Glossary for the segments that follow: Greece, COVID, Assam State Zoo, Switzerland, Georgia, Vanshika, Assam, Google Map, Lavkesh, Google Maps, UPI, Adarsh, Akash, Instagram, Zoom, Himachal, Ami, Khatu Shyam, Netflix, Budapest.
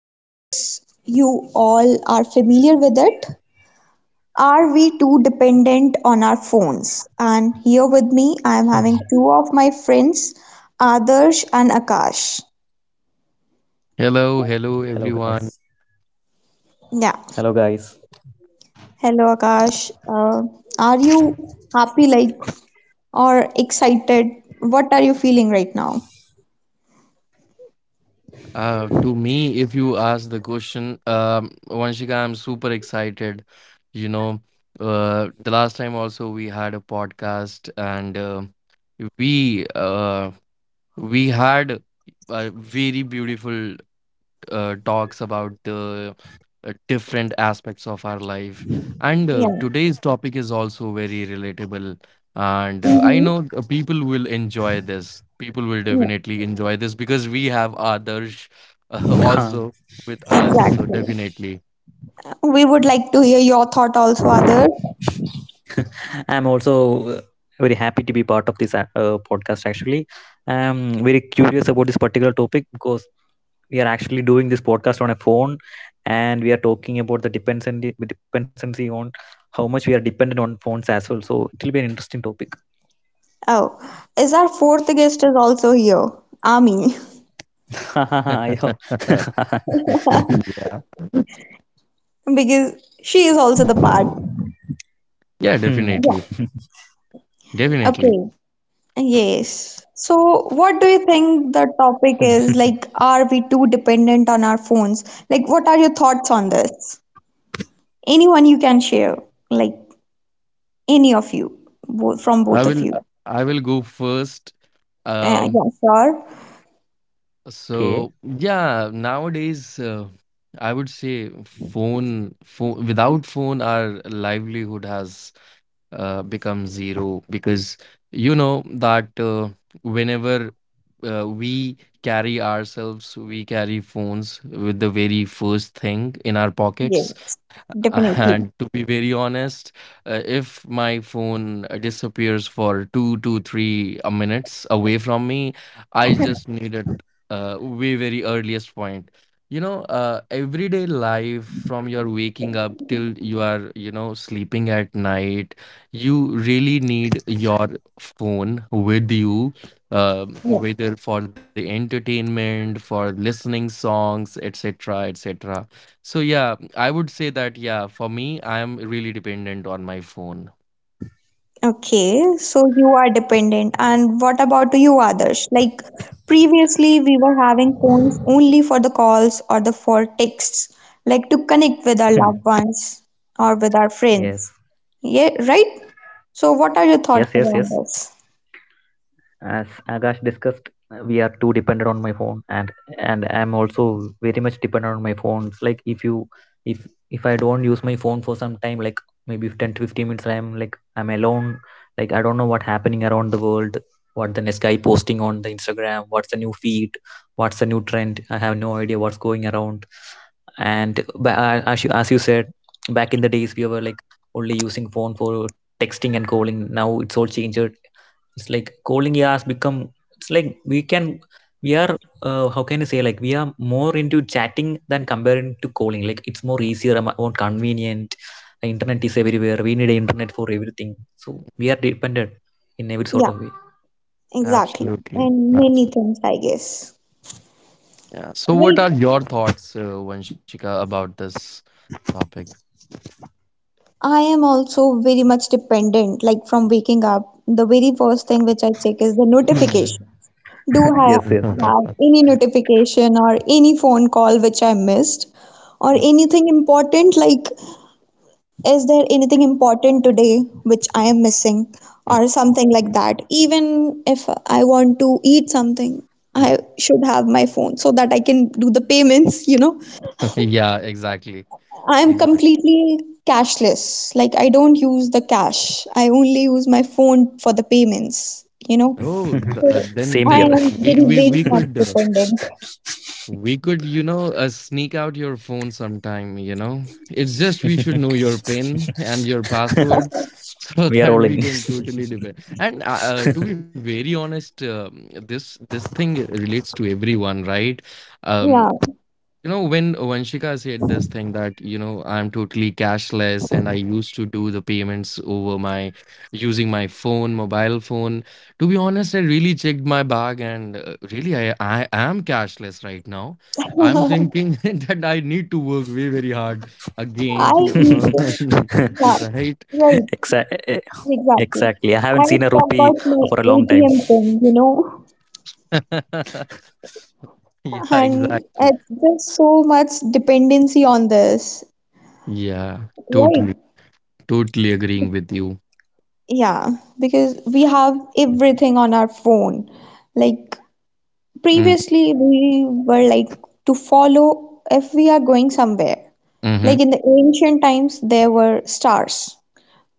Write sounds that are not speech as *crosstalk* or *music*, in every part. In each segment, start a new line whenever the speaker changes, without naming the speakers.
I guess you all are familiar with it. Are we too dependent on our phones? And here with me, I am having two of my friends, Adarsh and Akash.
Hello,
Hello
hello
guys.
everyone.
Hello
Yeah.
guys.
Hello, Akash. Are you happy, like, or excited? What are you feeling right now?
To me, if you ask the question, Vanshika, I'm super excited. You know, the last time also we had a podcast, and we uh, we had a very beautiful talks about the different aspects of our life. And
Yeah.
today's topic is also very relatable. And I
Mm-hmm.
know the people will enjoy this. People will
Yeah.
definitely enjoy this because we have Adarsh *laughs*
Huh.
also with us. So,
Exactly.
definitely.
We would like to hear your thought also, Other.
*laughs* I'm also uh, very happy to be part of this podcast. Actually, I'm very curious about this particular topic because we are actually doing this podcast on a phone, and we are talking about the dependency on how much we are dependent on phones as well. So it will be an interesting topic.
Oh, is our fourth guest is also here, Ami, *laughs*
*laughs* I hope.
*laughs* yeah.
*laughs*
because she is also the part.
Yeah,
Hmm.
definitely.
Yeah.
Definitely.
Okay. Yes. So, what do
*laughs*
you think the topic is? Like, are we too dependent on our phones? Like, what are your thoughts on this? Anyone you can share, like any of you, both from both
I
of
will
you.
I will go first. Um
Yeah, sure.
Okay.
So yeah, nowadays I would say phone, without phone, our livelihood has become zero because you know that whenever we carry ourselves, we carry phones with the very first thing in our pockets.
Yes, definitely.
And to be very honest, if my phone disappears for two to three minutes away from me, I just need it way very earliest point. You know, everyday life from your waking up till you are, you know, sleeping at night, you really need your phone with you,
Yeah.
whether for the entertainment, for listening songs, etc., etc. So yeah, I would say that yeah, for me, I am really dependent on my phone.
Okay, so you are dependent. And what about you, Adarsh? Like previously, we were having phones only for the calls or the for texts, like to
Hmm.
connect with our loved ones or with our
Yes.
friends. Yeah, right? So
Yes.
what are
Yes.
your
Yes.
thoughts around this?
As Akash discussed, we are too dependent on my phone, and I'm also very much dependent on my phone. It's like if if I don't use my phone for some time, like maybe 10 to 15 minutes, I'm like I'm alone. Like I don't know what happening around the world, what the next guy posting on the Instagram, what's the new feed, what's the new trend. I have no idea what's going around. And as you said, back in the days we were like only using phone for texting and calling. Now it's all changed. It's like calling has become. It's like we can. We are. How can you say? Like we are more into chatting than comparing to calling. Like it's more easier, and more convenient. The internet is everywhere. We need internet for everything. So we are dependent in every sort of way.
Yeah, exactly.
Absolutely.
And many things, I guess.
Yeah. So what
Right.
are your thoughts, Vanshika, about this topic?
I am also very much dependent, like from waking up, the very first thing which I check is the notification. Do I have any notification or any phone call which I missed? Or anything important like, is there anything important today which I am missing? Or
*laughs*
something like that. Even if I want to eat something, I should have my phone so that I can do the payments, you know.
yeah, exactly.
I'm
Exactly.
completely cashless. Like, I don't use the cash, I only use my phone for the payments, you know.
Oh, th-
So,
*laughs* Same here.
I
then
am very, very
we
much
could
dependent.
We could, you know, sneak out your phone sometime, you know. It's just we should know your PIN and your
*laughs*
passwords
*laughs*
*laughs* so
We are all
that
in.
we can totally depend. And to be
*laughs*
very honest, this thing relates to everyone, right? Um,
Yeah,
you know, when Vanshika said this thing that, you know, I'm totally cashless and I used to do the payments over my using my phone, mobile phone. To be honest, I really checked my bag and really I am cashless right now. I'm
*laughs*
thinking *laughs* that I need to work way, very hard
I
again to
even,
earn,
yeah,
*laughs*
*laughs*
right?
right,
Exactly. Exactly. I
exactly.
haven't seen a
I
rupee for a
forgot
long
my
time. *laughs*
ATM pin, you know,
*laughs* Yeah,
and
exactly.
it's just so much dependency on this,
Yeah,
right?
totally, totally agreeing with you.
Yeah, because we have everything on our phone. Like
Mm,
previously, we were like to follow if we are going somewhere.
hmm.
Like in the ancient times, there were stars,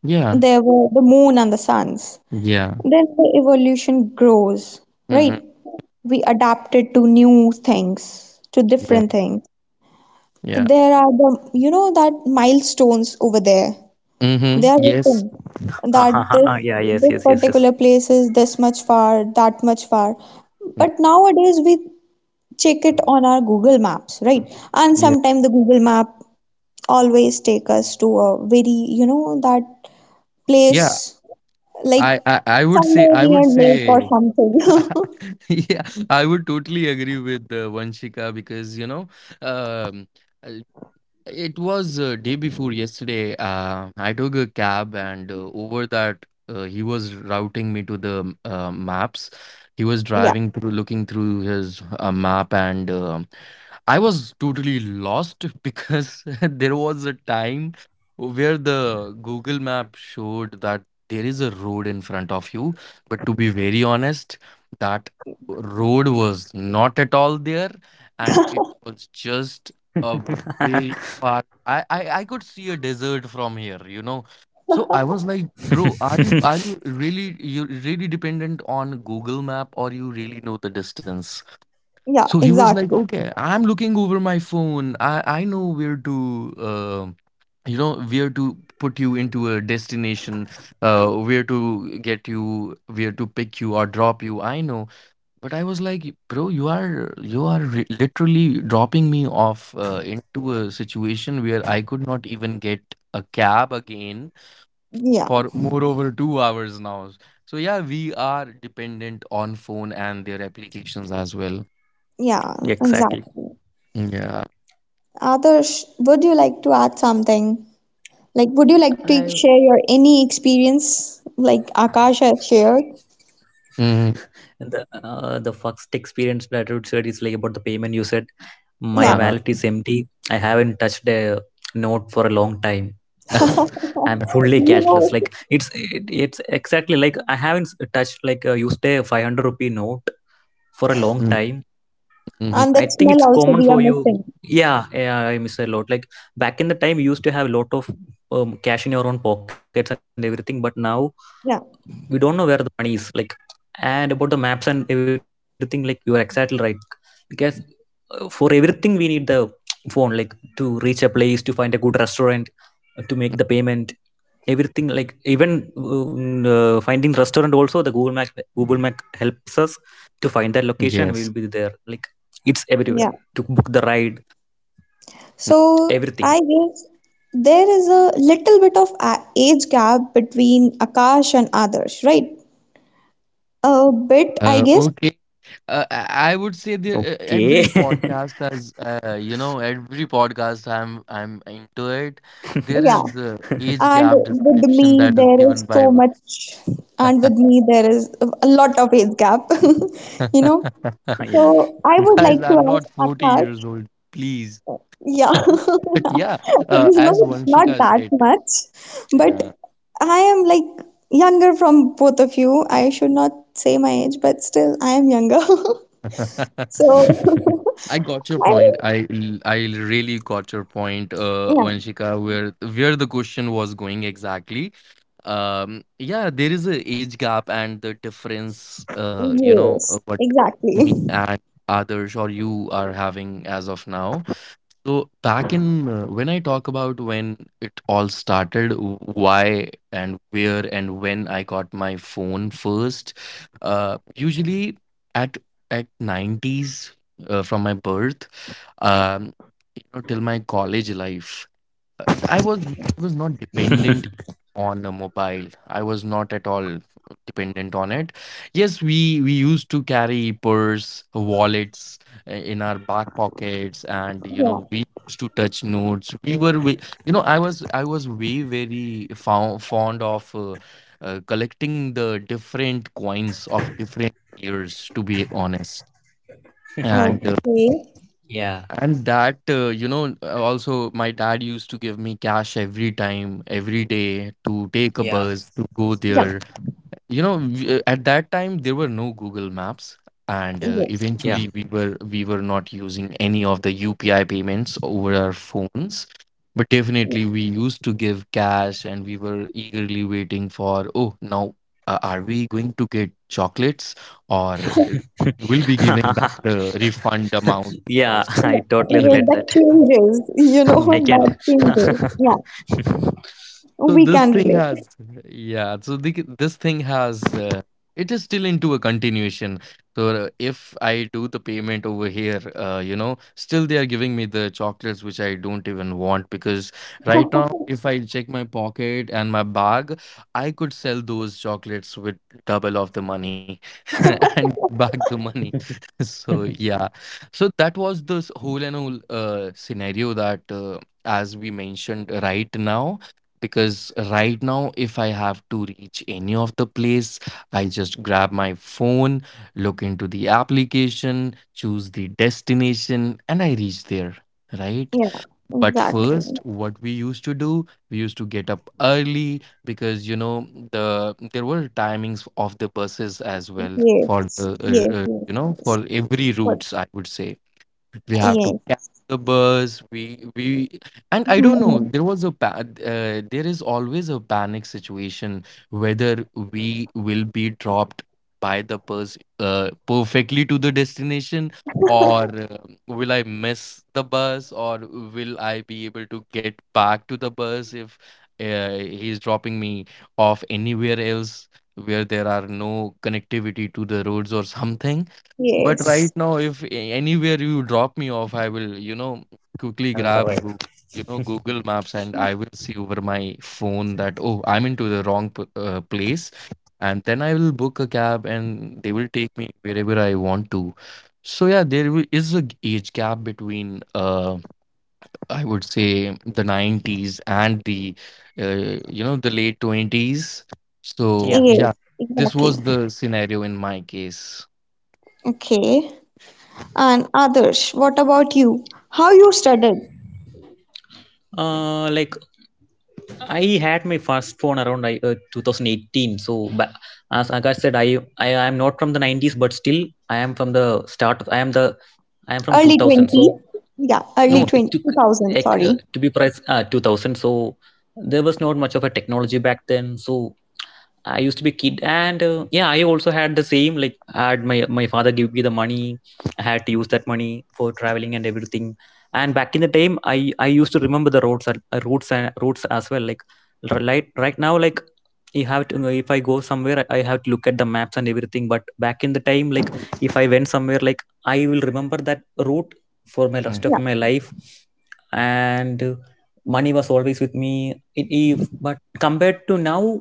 Yeah,
there were the moon and the suns.
yeah.
Then the evolution grows, right?
Mm-hmm.
We adapted to new things, to
Yeah.
different things.
Yeah.
There are the, you know, that milestones over there. They
Mm-hmm.
are
Ha, ha,
Yes.
written
ha, ha. Yeah. Yes.
that
Yes. Yes.
this
Yes.
this particular place is this much far, that much far.
Mm,
But nowadays we check it on our Google Maps, right? And
yeah.
sometimes the Google Map always take us to a very, you know, that
Yeah.
place like
I, I I would say
somewhere
I would
near lake or
say
something. *laughs*
*laughs* yeah, I would totally agree with Vanshika because you know um uh, it was day before yesterday I took a cab and over that he was routing me to the maps. He was
Yeah,
driving through, looking through his map, and I was totally lost *laughs* because *laughs* there was a time where the Google map showed that there is a road in front of you, but to be very honest, that road was not at all there, and it was just a
*laughs*
very far. I could see a desert from here, you know. So I was like, bro, are you really you really dependent on Google map, or you really know the distance?
yeah,
So he was like,
exactly.
okay, I'm looking over my phone. I know where to, you know, where to put you into a destination, where to get you, where to pick you or drop you. I know. But I was like, bro, you are literally dropping me off into a situation where I could not even get a cab again
Yeah,
for more over 2 hours now. So yeah, we are dependent on phone and their applications as well.
yeah,
Exactly.
exactly.
Yeah.
Adarsh, would you like to add something? Like, would you
I.
like to share your any experience like Akash has shared?
Mm-hmm.
The first experience that I would said is like about the payment. You said my
Yeah.
wallet
Uh
is
huh.
empty. I haven't touched a note for a long time because
*laughs*
I'm fully
You
cashless. Like
know,
it's exactly like I haven't touched like used a 500 rupee note for a long
Mm-hmm.
time. I
and
*laughs*
that
think it's
smell
common
also
for
we are
you.
missing.
Yeah, yeah, I miss a lot. Like back in the time, you used to have a lot of cash in your own pockets and everything, but now we
Yeah,
don't know where the money is. Like, and about the maps and everything, like you are exactly right. Because for everything, we need the *tsk* phone, like to reach a place, to find a good restaurant, to make the payment, everything. Like even finding restaurant also, the Google Map helps us to find that location. We will be there. Like
Yes.
it's everywhere to book the
yeah.
ride, everything.
So I guess there is a little bit of age gap between Akash and Adarsh, right? A bit, I guess.
Okay. I would say
Okay.
the every podcast has you know every podcast I'm into it. There
Yeah.
is a
*laughs*
age
And
gap
with
description
me,
that is
there is
given
so
by
much, and with me, there is a lot of age gap, *laughs* you
Ah,
know.
yes.
*laughs*
So I would like
guys. I'm
to ask
not forty
Akash,
years old, please. *laughs*
yeah, *laughs*
But yeah, as
no, not
Vanshika
that
said,
much, but
yeah.
I am like younger from both of you. I should not say my age, but still, I am younger. *laughs*
*laughs*
*laughs*
So
I got your
*laughs* I,
point. I really got your point,
yeah,
Vanshika, where the question was going exactly. Yeah, there is a age gap and the difference, you know,
yes,
what
exactly.
me and others or you are having as of now. So back in when I talk about when it all started, why and where and when I got my phone first, usually at at '90s from my birth, um, you know, till my college life. I was not dependent on a mobile. I was not at all dependent on it. Yes, we used to carry purse, wallets in our back pockets, and you
Yeah,
know we used to touch notes. You know I was way very fond of collecting the different coins of different years. To be honest, and uh,
okay.
Yeah,
and that, you know, also my dad used to give me cash every time, every day to take a
yeah,
bus to go
Yeah,
there. You know, at that time there were no Google Maps, and
yes.
yeah.
eventually we were not using any of the UPI payments over our phones. But definitely we used to give cash, and we were eagerly waiting for, oh, now are we going to get chocolates or
*laughs*
will be giving back the refund amount to
Yeah,
us?
I
Yeah, *laughs*
totally
well,
relate
*laughs*
that.
that changes, you know, *laughs*
*laughs* I can't.
Yeah,
that
*laughs*
changes. Yeah,
so
we
this
can
thing has, yeah. This thing has, it is still into a continuation. So if I do the payment over here, you know, still they are giving me the chocolates which I don't even want because right now,
relate. *laughs*
if I check my pocket and my bag, I could sell those chocolates with double of the money *laughs* and get back the money. *laughs* So yeah, so that was this whole and whole scenario that as we mentioned right now, because right now if I have to reach any of the place, I just grab my phone, look into the application, choose the destination, and I reach there, right?
Yeah,
But
exactly.
first what we used to do, we used to get up early, because you know there were timings of the buses as well for the
Yes, yes,
you
yes,
know
yes.
for every
But
routes I would say. We have to
yes,
catch the bus. We we and I don't know,
mhm,
there was a there is always a panic situation whether we will be dropped by the bus perfectly to the destination or will I miss the bus, or will I be able to get back to the bus if uh, he's dropping me off anywhere else where there are no connectivity to the roads or something. But right
yes,
now, if anywhere you drop me off, I will, you know, quickly
I will
grab
survive.
Google, you know, Google Maps, and I will see over my phone that, oh, I'm into the wrong place. And then I will book a cab and they will take me wherever I want to. So yeah, there is a age gap between, I would say the '90s and the, you know, the late '20s.
*laughs* Yeah.
So
yes,
yeah, this
exactly.
was the scenario in my case.
Okay. And others, what about you? How you studied?
Like I had my first phone around 2018. So as Akash said, I am not from the 90s, but still I am from the start. Of, I am from
Early
2000.
20?
So
Yeah,
Mm,
early
no, it
20
took
two thousand, sorry.
to be precise 2000. So there was not much of a technology back then. So I used to be a kid, and yeah, I also had the same. Like, I had my my father give me the money. I had to use that money for traveling and everything. And back in the time, I used to remember the roads, routes and routes as well. Like, right now, like you have to if I go somewhere, I have to look at the maps and everything. But back in the time, like if I went somewhere, like I will remember that route for my
mm,
rest of
Yeah,
my life, and money was always with me. It, if but compared to now,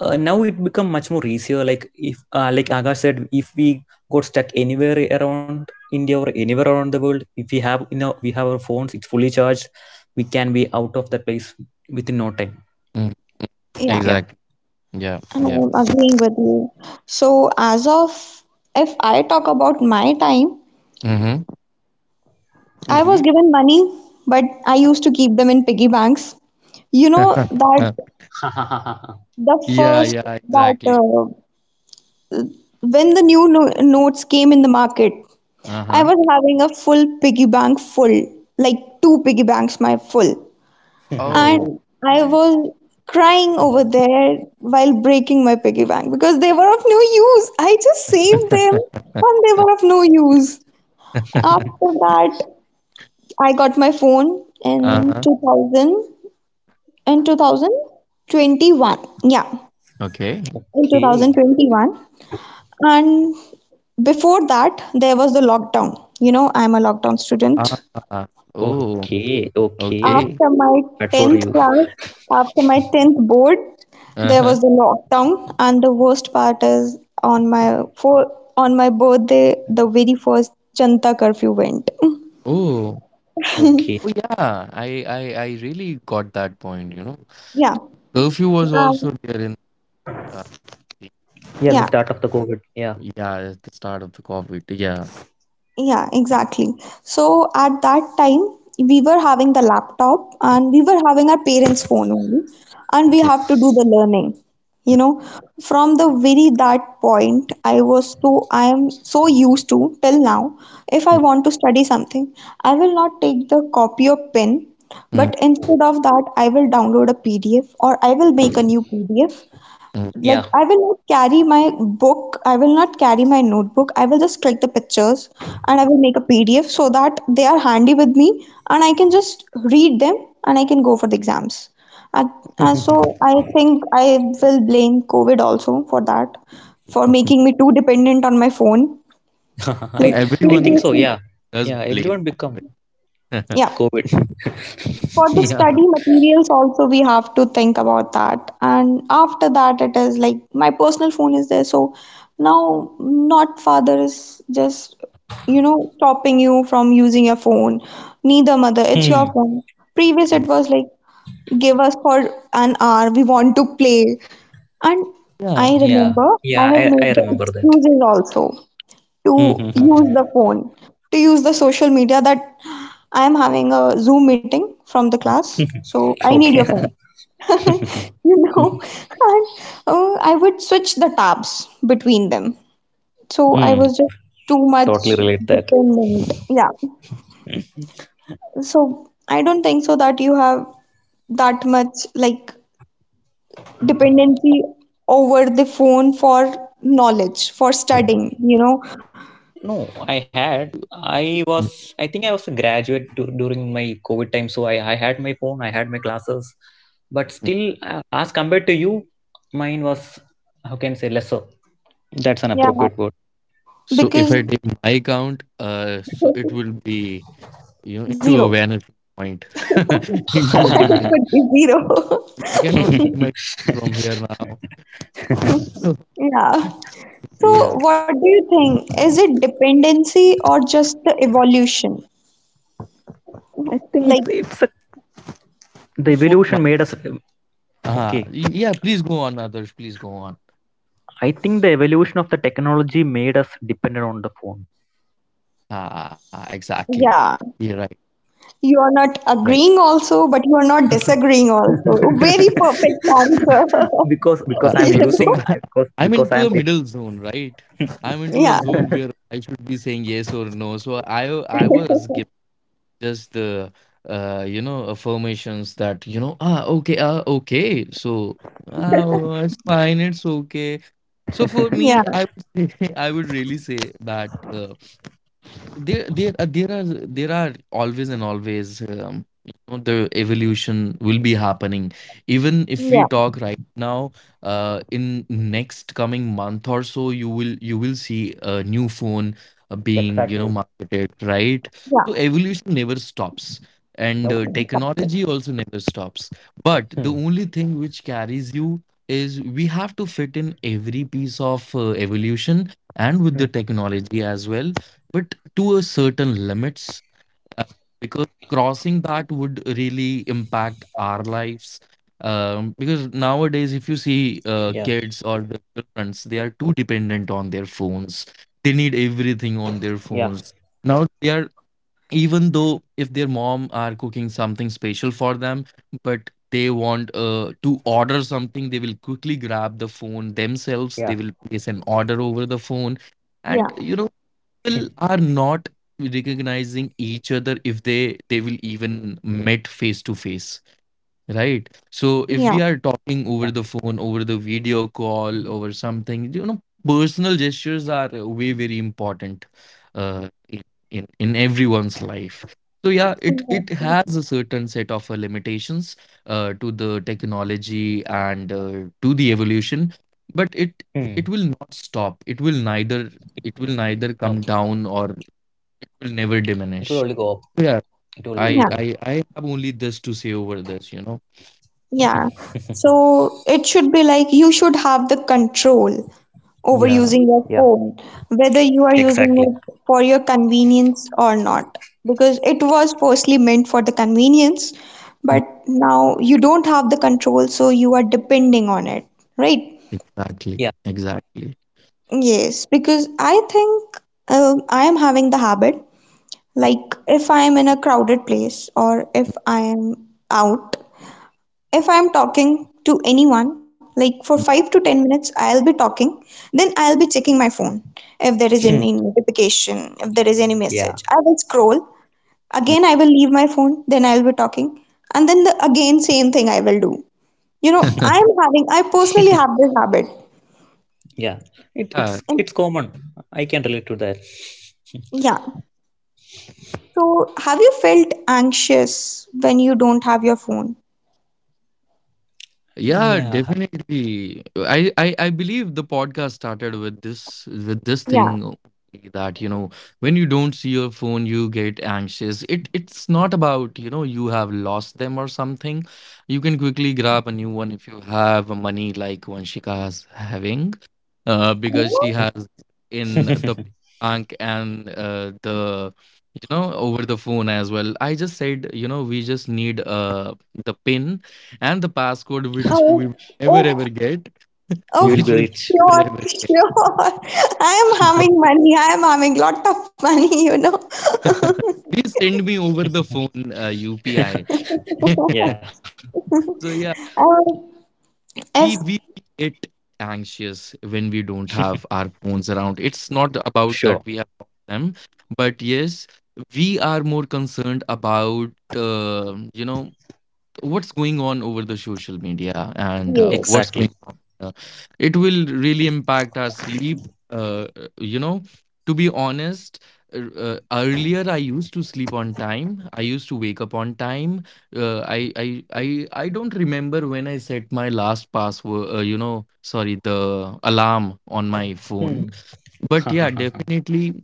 now it become much more easier. Like if like Akash said, if we got stuck anywhere around India or anywhere around the world, if we have, you know, we have our phones, it's fully charged, we can be out of that place within no time.
mm.
yeah.
Yeah.
Exactly. Yeah.
I'm
Yeah.
agreeing with you. So, as of if I talk about my time,
Mm-hmm.
I was
Mm-hmm.
given money, but I used to keep them in piggy banks. You know
*laughs*
that the
yeah.
first
Yeah.
that
Exactly.
when the new notes came in the market,
Uh
I
huh.
was having a full piggy bank full, like two piggy banks my full.
Oh,
And
*laughs*
I
goodness.
was crying over there while breaking my piggy bank because they were of no use. I just saved them
*laughs*
and they were of no use. After that, I got my phone
uh
in
huh.
2000 in 2021, yeah,
Okay.
in
Okay,
2021. And before that there was the lockdown. You know, I'm a lockdown
Ah.
student.
Oh.
okay,
Okay.
okay.
after my
Bad
10th
for you.
class After my 10th board
Uh
there
huh.
was the lockdown, and the worst part is on my for on my birthday the very first janta curfew went. *laughs*
Oh.
Okay.
Oh yeah. I really got that point. You know,
Yeah.
curfew was
um,
also there in. Uh, the-
Yeah, the
yeah.
start of the COVID. Yeah,
yeah, at the start of the COVID. Yeah.
Yeah, exactly. So at that time, we were having the laptop and we were having our parents' phone only, and we
Okay.
have to do the learning. You know, from the very that point, I am so used to till now. If I
Mm,
want to study something, I will not take the copy or pen, but instead of that, I will download a PDF or I will make a new PDF.
mm, mm,
Like,
yeah.
I will not carry my book, I will not carry my notebook. I will just click the pictures and I will make a PDF so that they are handy with me and I can just read them and I can go for the exams. And, and so
*laughs*
I think I will blame COVID also for that, for
mm.
making me too dependent on my phone. Like
i I think
Everyone
so.
previously,
Yeah,
does
yeah,
blame
everyone become
yeah,
COVID.
COVID.
for
*laughs*
the
yeah.
study materials also we have to think about that. And after that it is like my personal phone is there, so now not father is just, you know, stopping you from using your phone, neither mother. It's your
*laughs*
phone. Previous it was like give us for an hour, we want to play. And I
Yeah.
Yeah.
remember I
Yeah,
have made
I
the
remember that.
excuses also to
Mm-hmm.
use the phone, to use the social media, that I am having a Zoom meeting from the class, so I
*laughs*
need your
Okay.
phone. *laughs*
*laughs*
You know, and I would switch the tabs between them. So I was
Mm,
just too much
totally relate that.
dependent. Yeah. So I don't think so that you have that much like dependency over the phone for knowledge, for studying, you know.
No, I had. I
Mhm.
was. I think I was a graduate during my COVID time, so I had my phone. I had my classes, but still, as compared to you, mine was, how can I say, lesser. That's an
Yeah.
appropriate word.
So if
Because
I take my count, so it will be you know into a
zero.
vanishing point,
*laughs*
*laughs*
*laughs* *laughs*
into a
It
diminution.
would be
It's
zero. *laughs*
I cannot see my from here now. *laughs*
Yeah. So,
yeah.
what do you think? Is it dependency or just the evolution?
Uh,
Like,
it's a,
So
the
for my
evolution made us okay.
yeah, please go on, others. Please go on.
I think the evolution of the technology made us dependent on the phone.
Ah, exactly.
yeah,
Yeah, right,
you are not
right.
agreeing also, but you are not disagreeing also. Very perfect answer.
*laughs* because
Uh, uh,
*laughs*
because
You
I'm
so
using
know?
*laughs* I'm
because
into a
because I'm
middle zone, right? I'm into a
Yeah.
zone where
*laughs*
I should be saying yes or no. So I was
*laughs*
just the affirmations that ah, okay, ah, okay, so ah, oh, it's fine, it's okay. So for me, I
Yeah.
would say *laughs* I would really say that there are always and always, the evolution will be happening. Even if we
Yeah.
talk right now, in next coming month or so, you will see a new phone being,
exactly.
marketed, right? So
Yeah.
evolution never stops, and
Nope.
technology
Exactly.
also never stops. But the
Hmm.
only thing which carries you is we have to fit in every piece of evolution and with the
Hmm.
technology as well, to a certain limits, uh, because crossing that would really impact our lives. Because
Yeah.
nowadays, if you see kids or the children, they are too dependent on their phones. They
Yeah.
need everything on their phones. Now they are, even though if their mom are cooking something special for them, but they want to order something, they will quickly grab
Yeah.
the phone themselves, they will place an order over the phone.
Yeah.
And,
*laughs*
people are not recognizing each other. If they will even met face to face. Right. So if
Yeah.
we are
Yeah.
talking over the phone, over the video call, over something, you know, personal gestures are way very important uh, in, in everyone's life. So yeah, it has a
Exactly.
certain set of limitations to the technology and to the evolution, but it
Hmm.
it will not stop. It will neither it will
Nope.
neither come down, or it will never
It will only go up.
diminish. So yeah,
It will only go up.
I
Yeah.
I I have only this to say over this, you know.
Yeah.
*laughs*
So, it should be like you should have the control
Yeah.
overusing
Yeah,
your phone, whether you are
exactly.
using it for your convenience or not. Because it was firstly meant for the convenience, but now you don't have the control, so you are depending on it, right?
Yeah.
Exactly, exactly.
Yes, because I think I am having the habit, like if I am in a crowded place or if I am out, if I'm talking to anyone, like for
Mm.
5 to 10 minutes, I'll be talking, then I'll be checking my phone. If there is
Hmm.
any notification, if there is any
Yeah.
message, I will scroll. Again, I
Mm.
will leave my phone, then I'll be talking. And then the again same thing I will do. You know,
*laughs*
I personally
*laughs*
have this habit.
Yeah. It,
Yeah,
And
it's common. I can relate to that.
yeah. So, have you felt anxious when you don't have your phone?
*laughs*
yeah,
Yeah.
definitely. I believe the podcast started with this
Yeah.
thing only, that, you know, when you don't see your phone, you get anxious. It's not about, you know, you have lost them or something. You can quickly grab a new one if you have money like Vanshika is having. Because she
Oh,
*laughs*
has in the bank, and the, over the phone as well. I just said, you know, we just need the pin and the passcode, which we
oh,
will never
oh,
ever get. *laughs*
oh,
We will be
Which we
rich.
will never
sure,
ever get.
sure. *laughs* I am having
But
money. I am having lot of money, you know.
*laughs*
*laughs*
please send me over the phone, UPI.
*laughs*
*laughs*
Yeah.
So yeah,
Um,
we
if
we get anxious when we don't have
*laughs*
our phones around. It's not about
Sure.
that we have lost them, but yes, we are more concerned about uh, you know what's going on over the social media, and what's
yes,
Exactly.
going on. uh, it will really impact our sleep. uh, uh, you know to be honest, earlier I used to sleep on time, I used to wake up on time. I don't remember when I set my last password, sorry, the alarm on my
Hmm.
phone. But yeah,
*laughs*
definitely,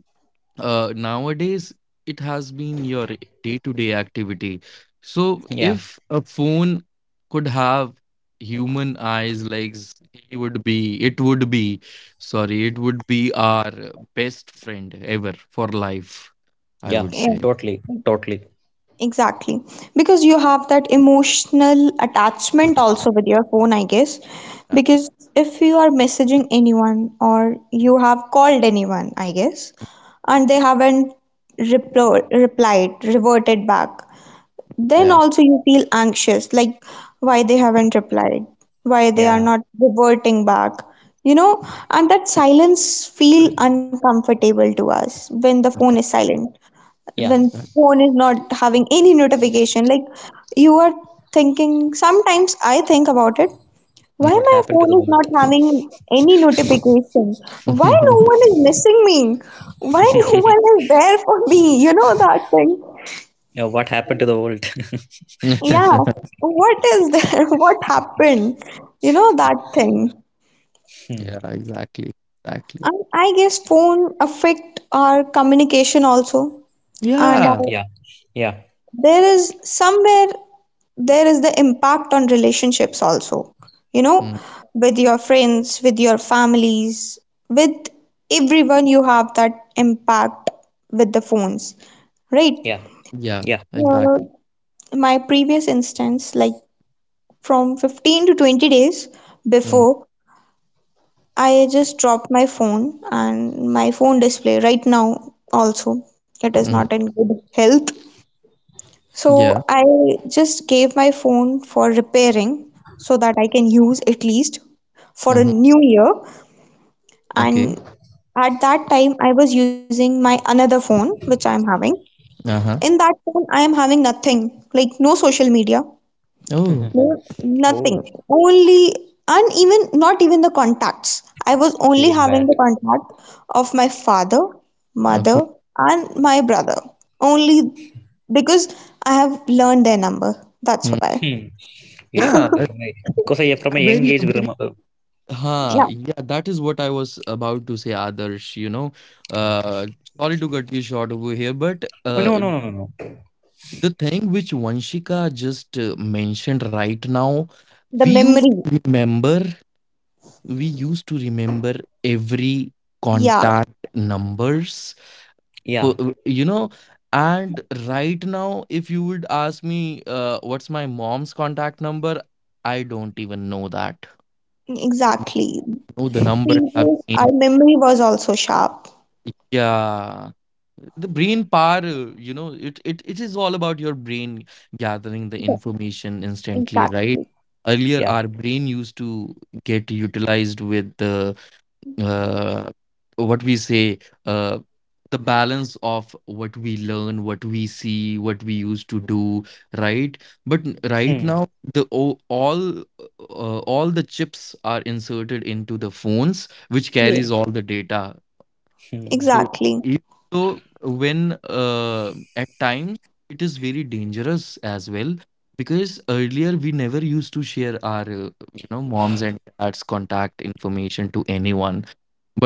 nowadays it has been your day-to-day activity. So
Yeah,
if a phone could have human eyes, legs, he would be, it would be, sorry, it would be our best friend ever for life, I would
yeah,
yeah,
say.
totally, totally.
exactly. Because you have that emotional attachment also with your phone, I guess.
Yeah,
Because if you are messaging anyone or you have called anyone, I guess, and they haven't replo replied, reverted back, then
yeah,
also you feel anxious, like why they haven't replied, why they are
Yeah,
not reverting back, you know. And that silence feel uncomfortable to us when the phone is silent,
yeah.
when phone is not having any notification. Like, you are thinking, sometimes I think about it, why
exactly.
What
my
happened to
phone
the
is not having any notification, why no
world?
one
*laughs*
is missing me, why no
*laughs*
one is there for me, you know, that thing.
Yeah, what happened to the world? *laughs*
Yeah,
Yeah,
what is there? *laughs* What happened? You know, that thing.
Hmm.
exactly, exactly.
And I guess phone affect our communication also. And
Yeah,
Yeah, yeah,
there is somewhere there is the impact on relationships also. You know,
mm,
with your friends, with your families, with everyone you have that impact with the phones, right?
yeah,
yeah,
yeah.
Uh,
exactly.
my previous instance, like from 15 to 20 days
Mm,
before, I just dropped my phone and my phone display right now also it is not
mm,
in good health. So
yeah.
I just gave my phone for repairing so that I can use at least for a
Mm-hmm.
new year. And
Okay.
at that time I was using my another phone which I am having. In
Uh-huh.
that phone I am having nothing, like no social media.
Oh,
No,
*laughs* Oh,
nothing. Only, and even not even the contacts. I was only
feeling
having
bad.
the contact of my father, mother,
okay.
and my brother. Only because I have learned their number. That's
Mm.
why.
Hmm.
Yeah,
We're
a
from Because I from a young
very,
age, we
very,
remember.
huh,
Yeah,
yeah, that is what I was about to say, Adarsh. You know,
Uh,
uh, sorry to cut you short over here, but
oh, no, no, no, no, no.
the thing which Vanshika just mentioned right now,
the
we used
memory.
to remember, we used to remember every
Yeah,
contact numbers,
Yeah,
you know. And right now, if you would ask me, what's my mom's contact number? I don't even know that.
exactly.
Oh, the numbers have
Previous, our
changed.
memory was also sharp.
Yeah, the brain power, it, it is all about your brain gathering the
Yeah,
information instantly, right?
exactly.
Earlier
yeah.
our brain used to get utilized with the uh, what we say, uh, the balance of what we learn, what we see, what we used to do, right? But right
Hmm.
now, the all the chips are inserted into the phones, which
Yes,
carries all the data.
Hmm.
So
exactly.
even though when at times, it is very dangerous as well, because earlier we never used to share our moms and dads contact information to anyone.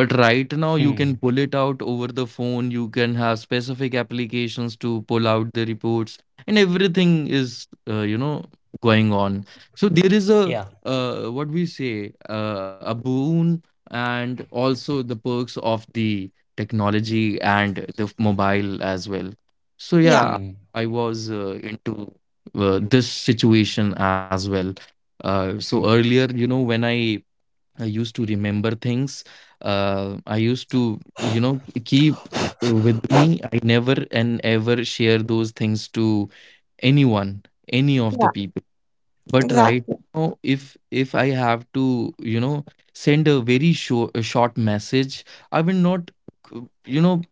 But
Hmm.
right now, you can pull it out over the phone. You can have specific applications to pull out the reports, and everything is, going on. So there
Yeah.
is a what we say, a boon, and also the perks of the technology and the mobile as well. So
Yeah,
Hmm.
yeah, I was into this situation as well. So
Hmm.
earlier, you know, when I used to remember things. I used to, you know, keep with me. I never and ever share those things to anyone, any of
yeah,
the people. But right
exactly.
now, if I have to, you know, send a short message, I will not, you know,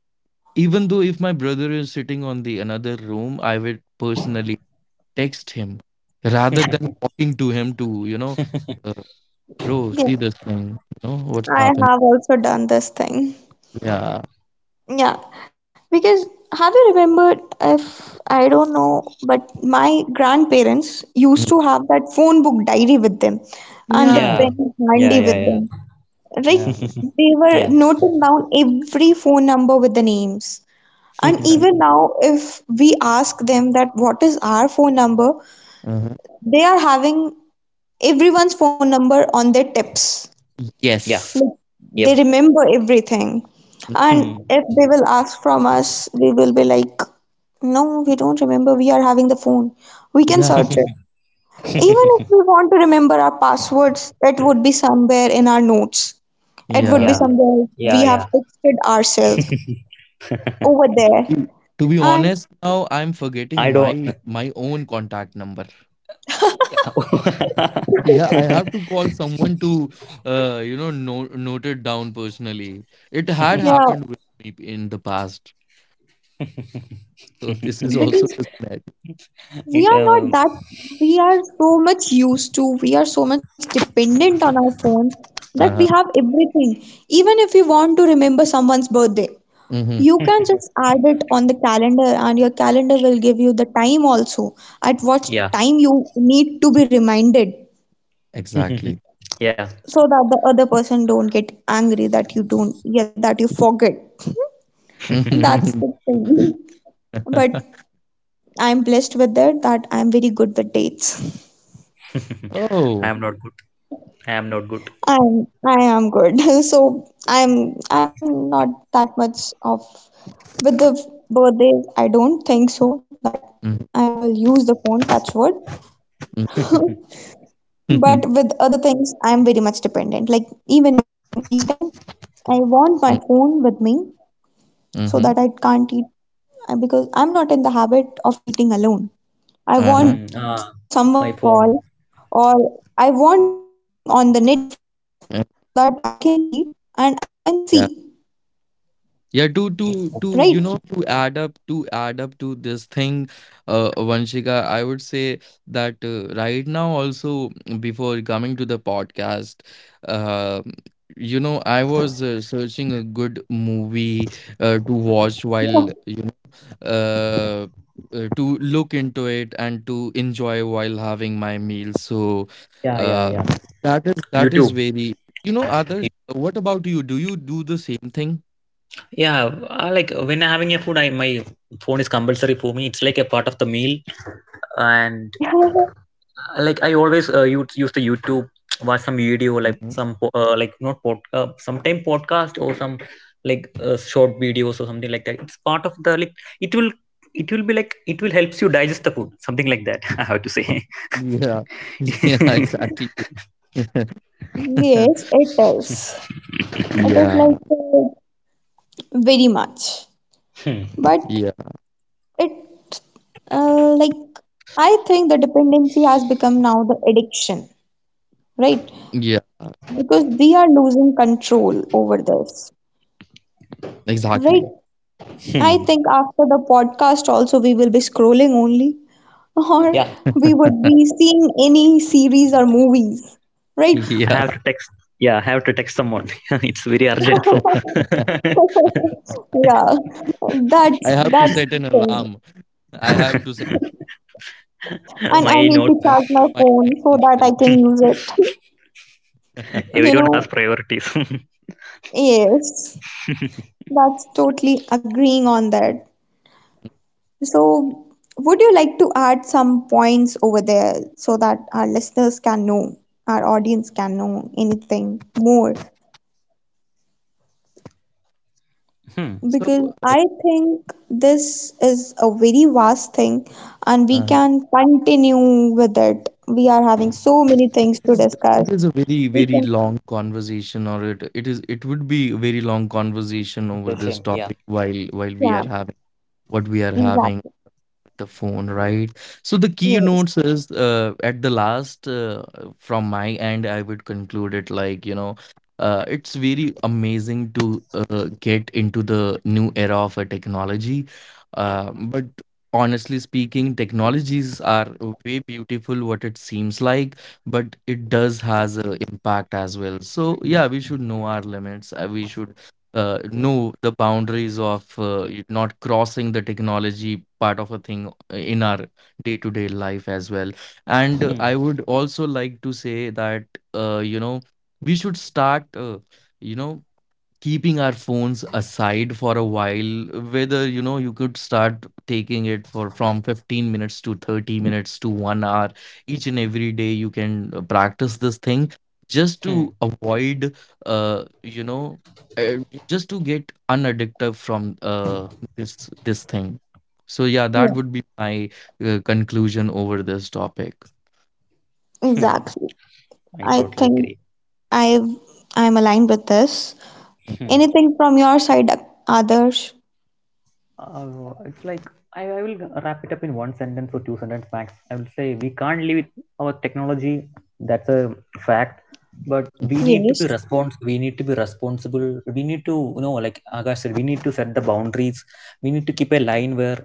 even though if my brother is sitting on the another room, I will personally text him rather than
*laughs*
walking to him to, you know, uh, bro,
Yeah,
see this thing, you know, what's
I
happening.
have also done this thing.
Yeah.
Yeah, because have you remembered if I don't know, but my grandparents used
Mm.
to have that phone book diary with them and the
Yeah.
Yeah.
pen handy
Yeah. Yeah.
with them.
Yeah.
Yeah.
Right? They were
Yeah.
noting down every phone number with the names. And even
*laughs*
now, if we ask them that what is our phone number,
Uh-huh.
they are having everyone's phone number on their tips.
Yeah.
Yes.
Like, they
Yep.
remember everything.
Mm.
And
Hmm.
if they will ask from us, we will be like, no, we don't remember. We are having the phone. We can
Yeah.
search it. Even if we want to remember our passwords, it would be somewhere in our notes. It would be
Yeah.
Yeah.
somewhere
Yeah.
we
Yeah.
have texted ourselves
*laughs*
over there.
Mm. To be
And
honest, now I'm
I
forgetting
don't.
my own contact number.
Yeah. *laughs*
Yeah, I have to call someone to, you know, no, note it down personally. It had
yeah,
happened with me in the past, so this is also
because
the scenario.
we
It.
are not that, we are so much used to, we are so much dependent on our phones that we
Uh-huh.
have everything. Even if you want to remember someone's birthday,
Mm-hmm.
you can just add it on the calendar and your calendar will give you the time also, at what
Yeah.
time you need to be reminded,
*laughs*
Exactly.
Yeah.
so that the other person don't get angry that you don't, yeah, that you forget. And that's
Mhm.
the thing. *laughs* But
*laughs*
I'm blessed with it, that I'm very good with dates.
Oh.
*laughs* I am not good. I am not good.
I am good. *laughs* So I'm not that much of, with the birthdays. I don't think so that
Mm-hmm.
I will use the phone. Touch wood. *laughs*
*laughs*
But with other things, I'm very much dependent. Like even if I'm eating, I want my phone with me, so
Mm-hmm.
that I can't eat, because I'm not in the habit of eating alone. I
Uh-huh.
want
Hmm.
someone
Ah,
over the
my
call,
phone.
or I want something on the Netflix,
Uh.
so that I can eat and I can see,
Yeah. Yeah,
right?
to you know to add up to this thing, Vanshika, I would say that right now also, before coming to the podcast, uh, I was searching a good movie to watch while,
Yeah.
you know uh, to look into it and to enjoy while having my meal. So
Yeah.
uh,
Yeah. Yeah.
that is
YouTube.
very, you know, others, what about you? Do you do the same
Yeah, I like when having a food, I my phone is compulsory for me. It's like a part of the meal, and uh,
*laughs*
like I always use the YouTube, *tsk* watch some video,
thing?
like some po- like not pod, sometime podcast or some like short videos or something like that. It's part of the like it will it will be like it will helps you digest the food, something like that. *laughs* I have to say.
Yeah, *laughs* yeah, exactly.
*laughs*
*laughs*
Yes, it is.
Yeah,
It is like very much,
Hmm.
yeah,
but it like I think the dependency has become now the addiction, right?
yeah,
Because we are losing control over this.
exactly.
Right. I
Hmm.
think after the podcast also we will be scrolling only, *laughs* or
Yeah,
we
*laughs*
would be seeing any series or movies. Right?
I
Yeah,
have to text. Yeah, I have to text someone. *laughs* It's very urgent. So,
*laughs*
*laughs* Yeah.
I
That's
have to set
*laughs*
that's
an
the
alarm.
thing.
I have to set, oh my,
And I
my
need
I
note.
to
have to
charge
find
my
my
phone
number
so
as
that I can use it.
*laughs*
well.
*laughs*
*laughs*
You
Everyone has
know,
priorities. *laughs*
yes. That's totally agreeing on that. So, would you like to add some points over there, so that our listeners can know, our audience can know anything more?
Hmm.
So,
Because
uh,
I think this is a very vast thing and we
uh,
can continue with it. We are having so many
it
things
is
to
it
discuss.
is a very
We
very
can,
long conversation, or it would be a very long conversation over this
Question.
topic
Yeah.
while we are
yeah,
having what we are having,
exactly.
the phone, right? So the keynotes
Yes,
is at the last, from my end, I would conclude it like, you know, it's very amazing to get into the new era of a technology. But honestly speaking, technologies are way beautiful what it seems like, but it does has an impact as well. So yeah, we should know our limits. We should know the boundaries of not crossing the technology part of a thing in our day-to-day life as well. And I
Hmm.
would also like to say that uh, you know we should start you know keeping our phones aside for a while, whether, you know, you could start taking it for from 15 minutes to 30 minutes to 1 hour, each and every day you can practice this thing, just to
Hmm.
avoid uh you know uh, just to get unaddictive from this thing. So yeah, that
yeah,
would be my conclusion over this topic.
Hmm.
exactly.
I
Yeah.
I
totally
think
agree.
I've, I'm aligned with this.
Hmm.
Anything from your side, Adarsh?
It's like I will wrap it up in one sentence or two sentence max. I will say we can't live with our technology. That's a fact. But we need to
Yes.
be respons. We need to be responsible. We need to, you know, like Akash said. We need to set the boundaries. We need to keep a line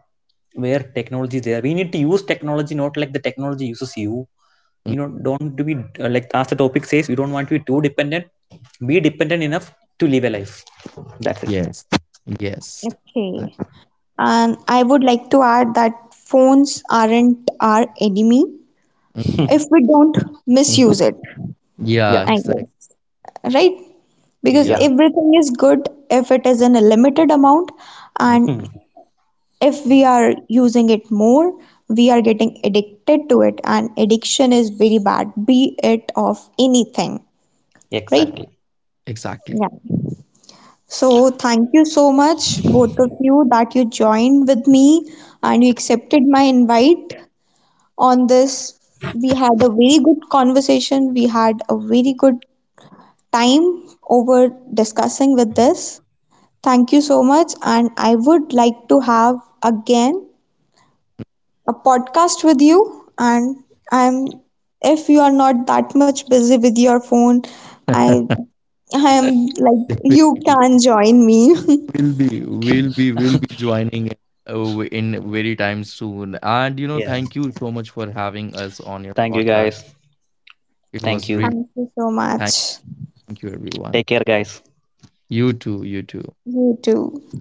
where technology is there. We need to use technology not like the technology uses you.
Mm.
You know, don't to be like as the topic says. You don't want to be too dependent. Be dependent enough to live a life. That's it.
Yes, yes, that.
Okay. And I would like to add that phones aren't our enemy if
*laughs*
we don't misuse it,
*laughs* Yeah,
Yeah.
I
exactly,
guess. Right? Because
yeah.
Yeah.
everything is good if it is in a limited amount,
Mm.
and
*laughs*
if we are using it more, we are getting addicted to it, and addiction is very bad, be it of anything,
Yeah,
right?
Exactly.
exactly.
Yeah. So, thank you so much, both of you, that you joined with me and you accepted my invite on this. We had a very good conversation. We had a very good time over discussing with this. Thank you so much. And I would like to have again a podcast with you. I'm, if you are not that much busy with your phone,
*laughs*
I,
Definitely.
I am like, you can join me. *laughs*
We'll be joining in, in very time soon. And you know, thank
Yeah.
you so much for having us on your
Thank you,
podcast.
guys.
It was
Thank
really
you.
Thank you so
thank,
much.
thank you, everyone.
Take care, guys.
You too. You too.
You too.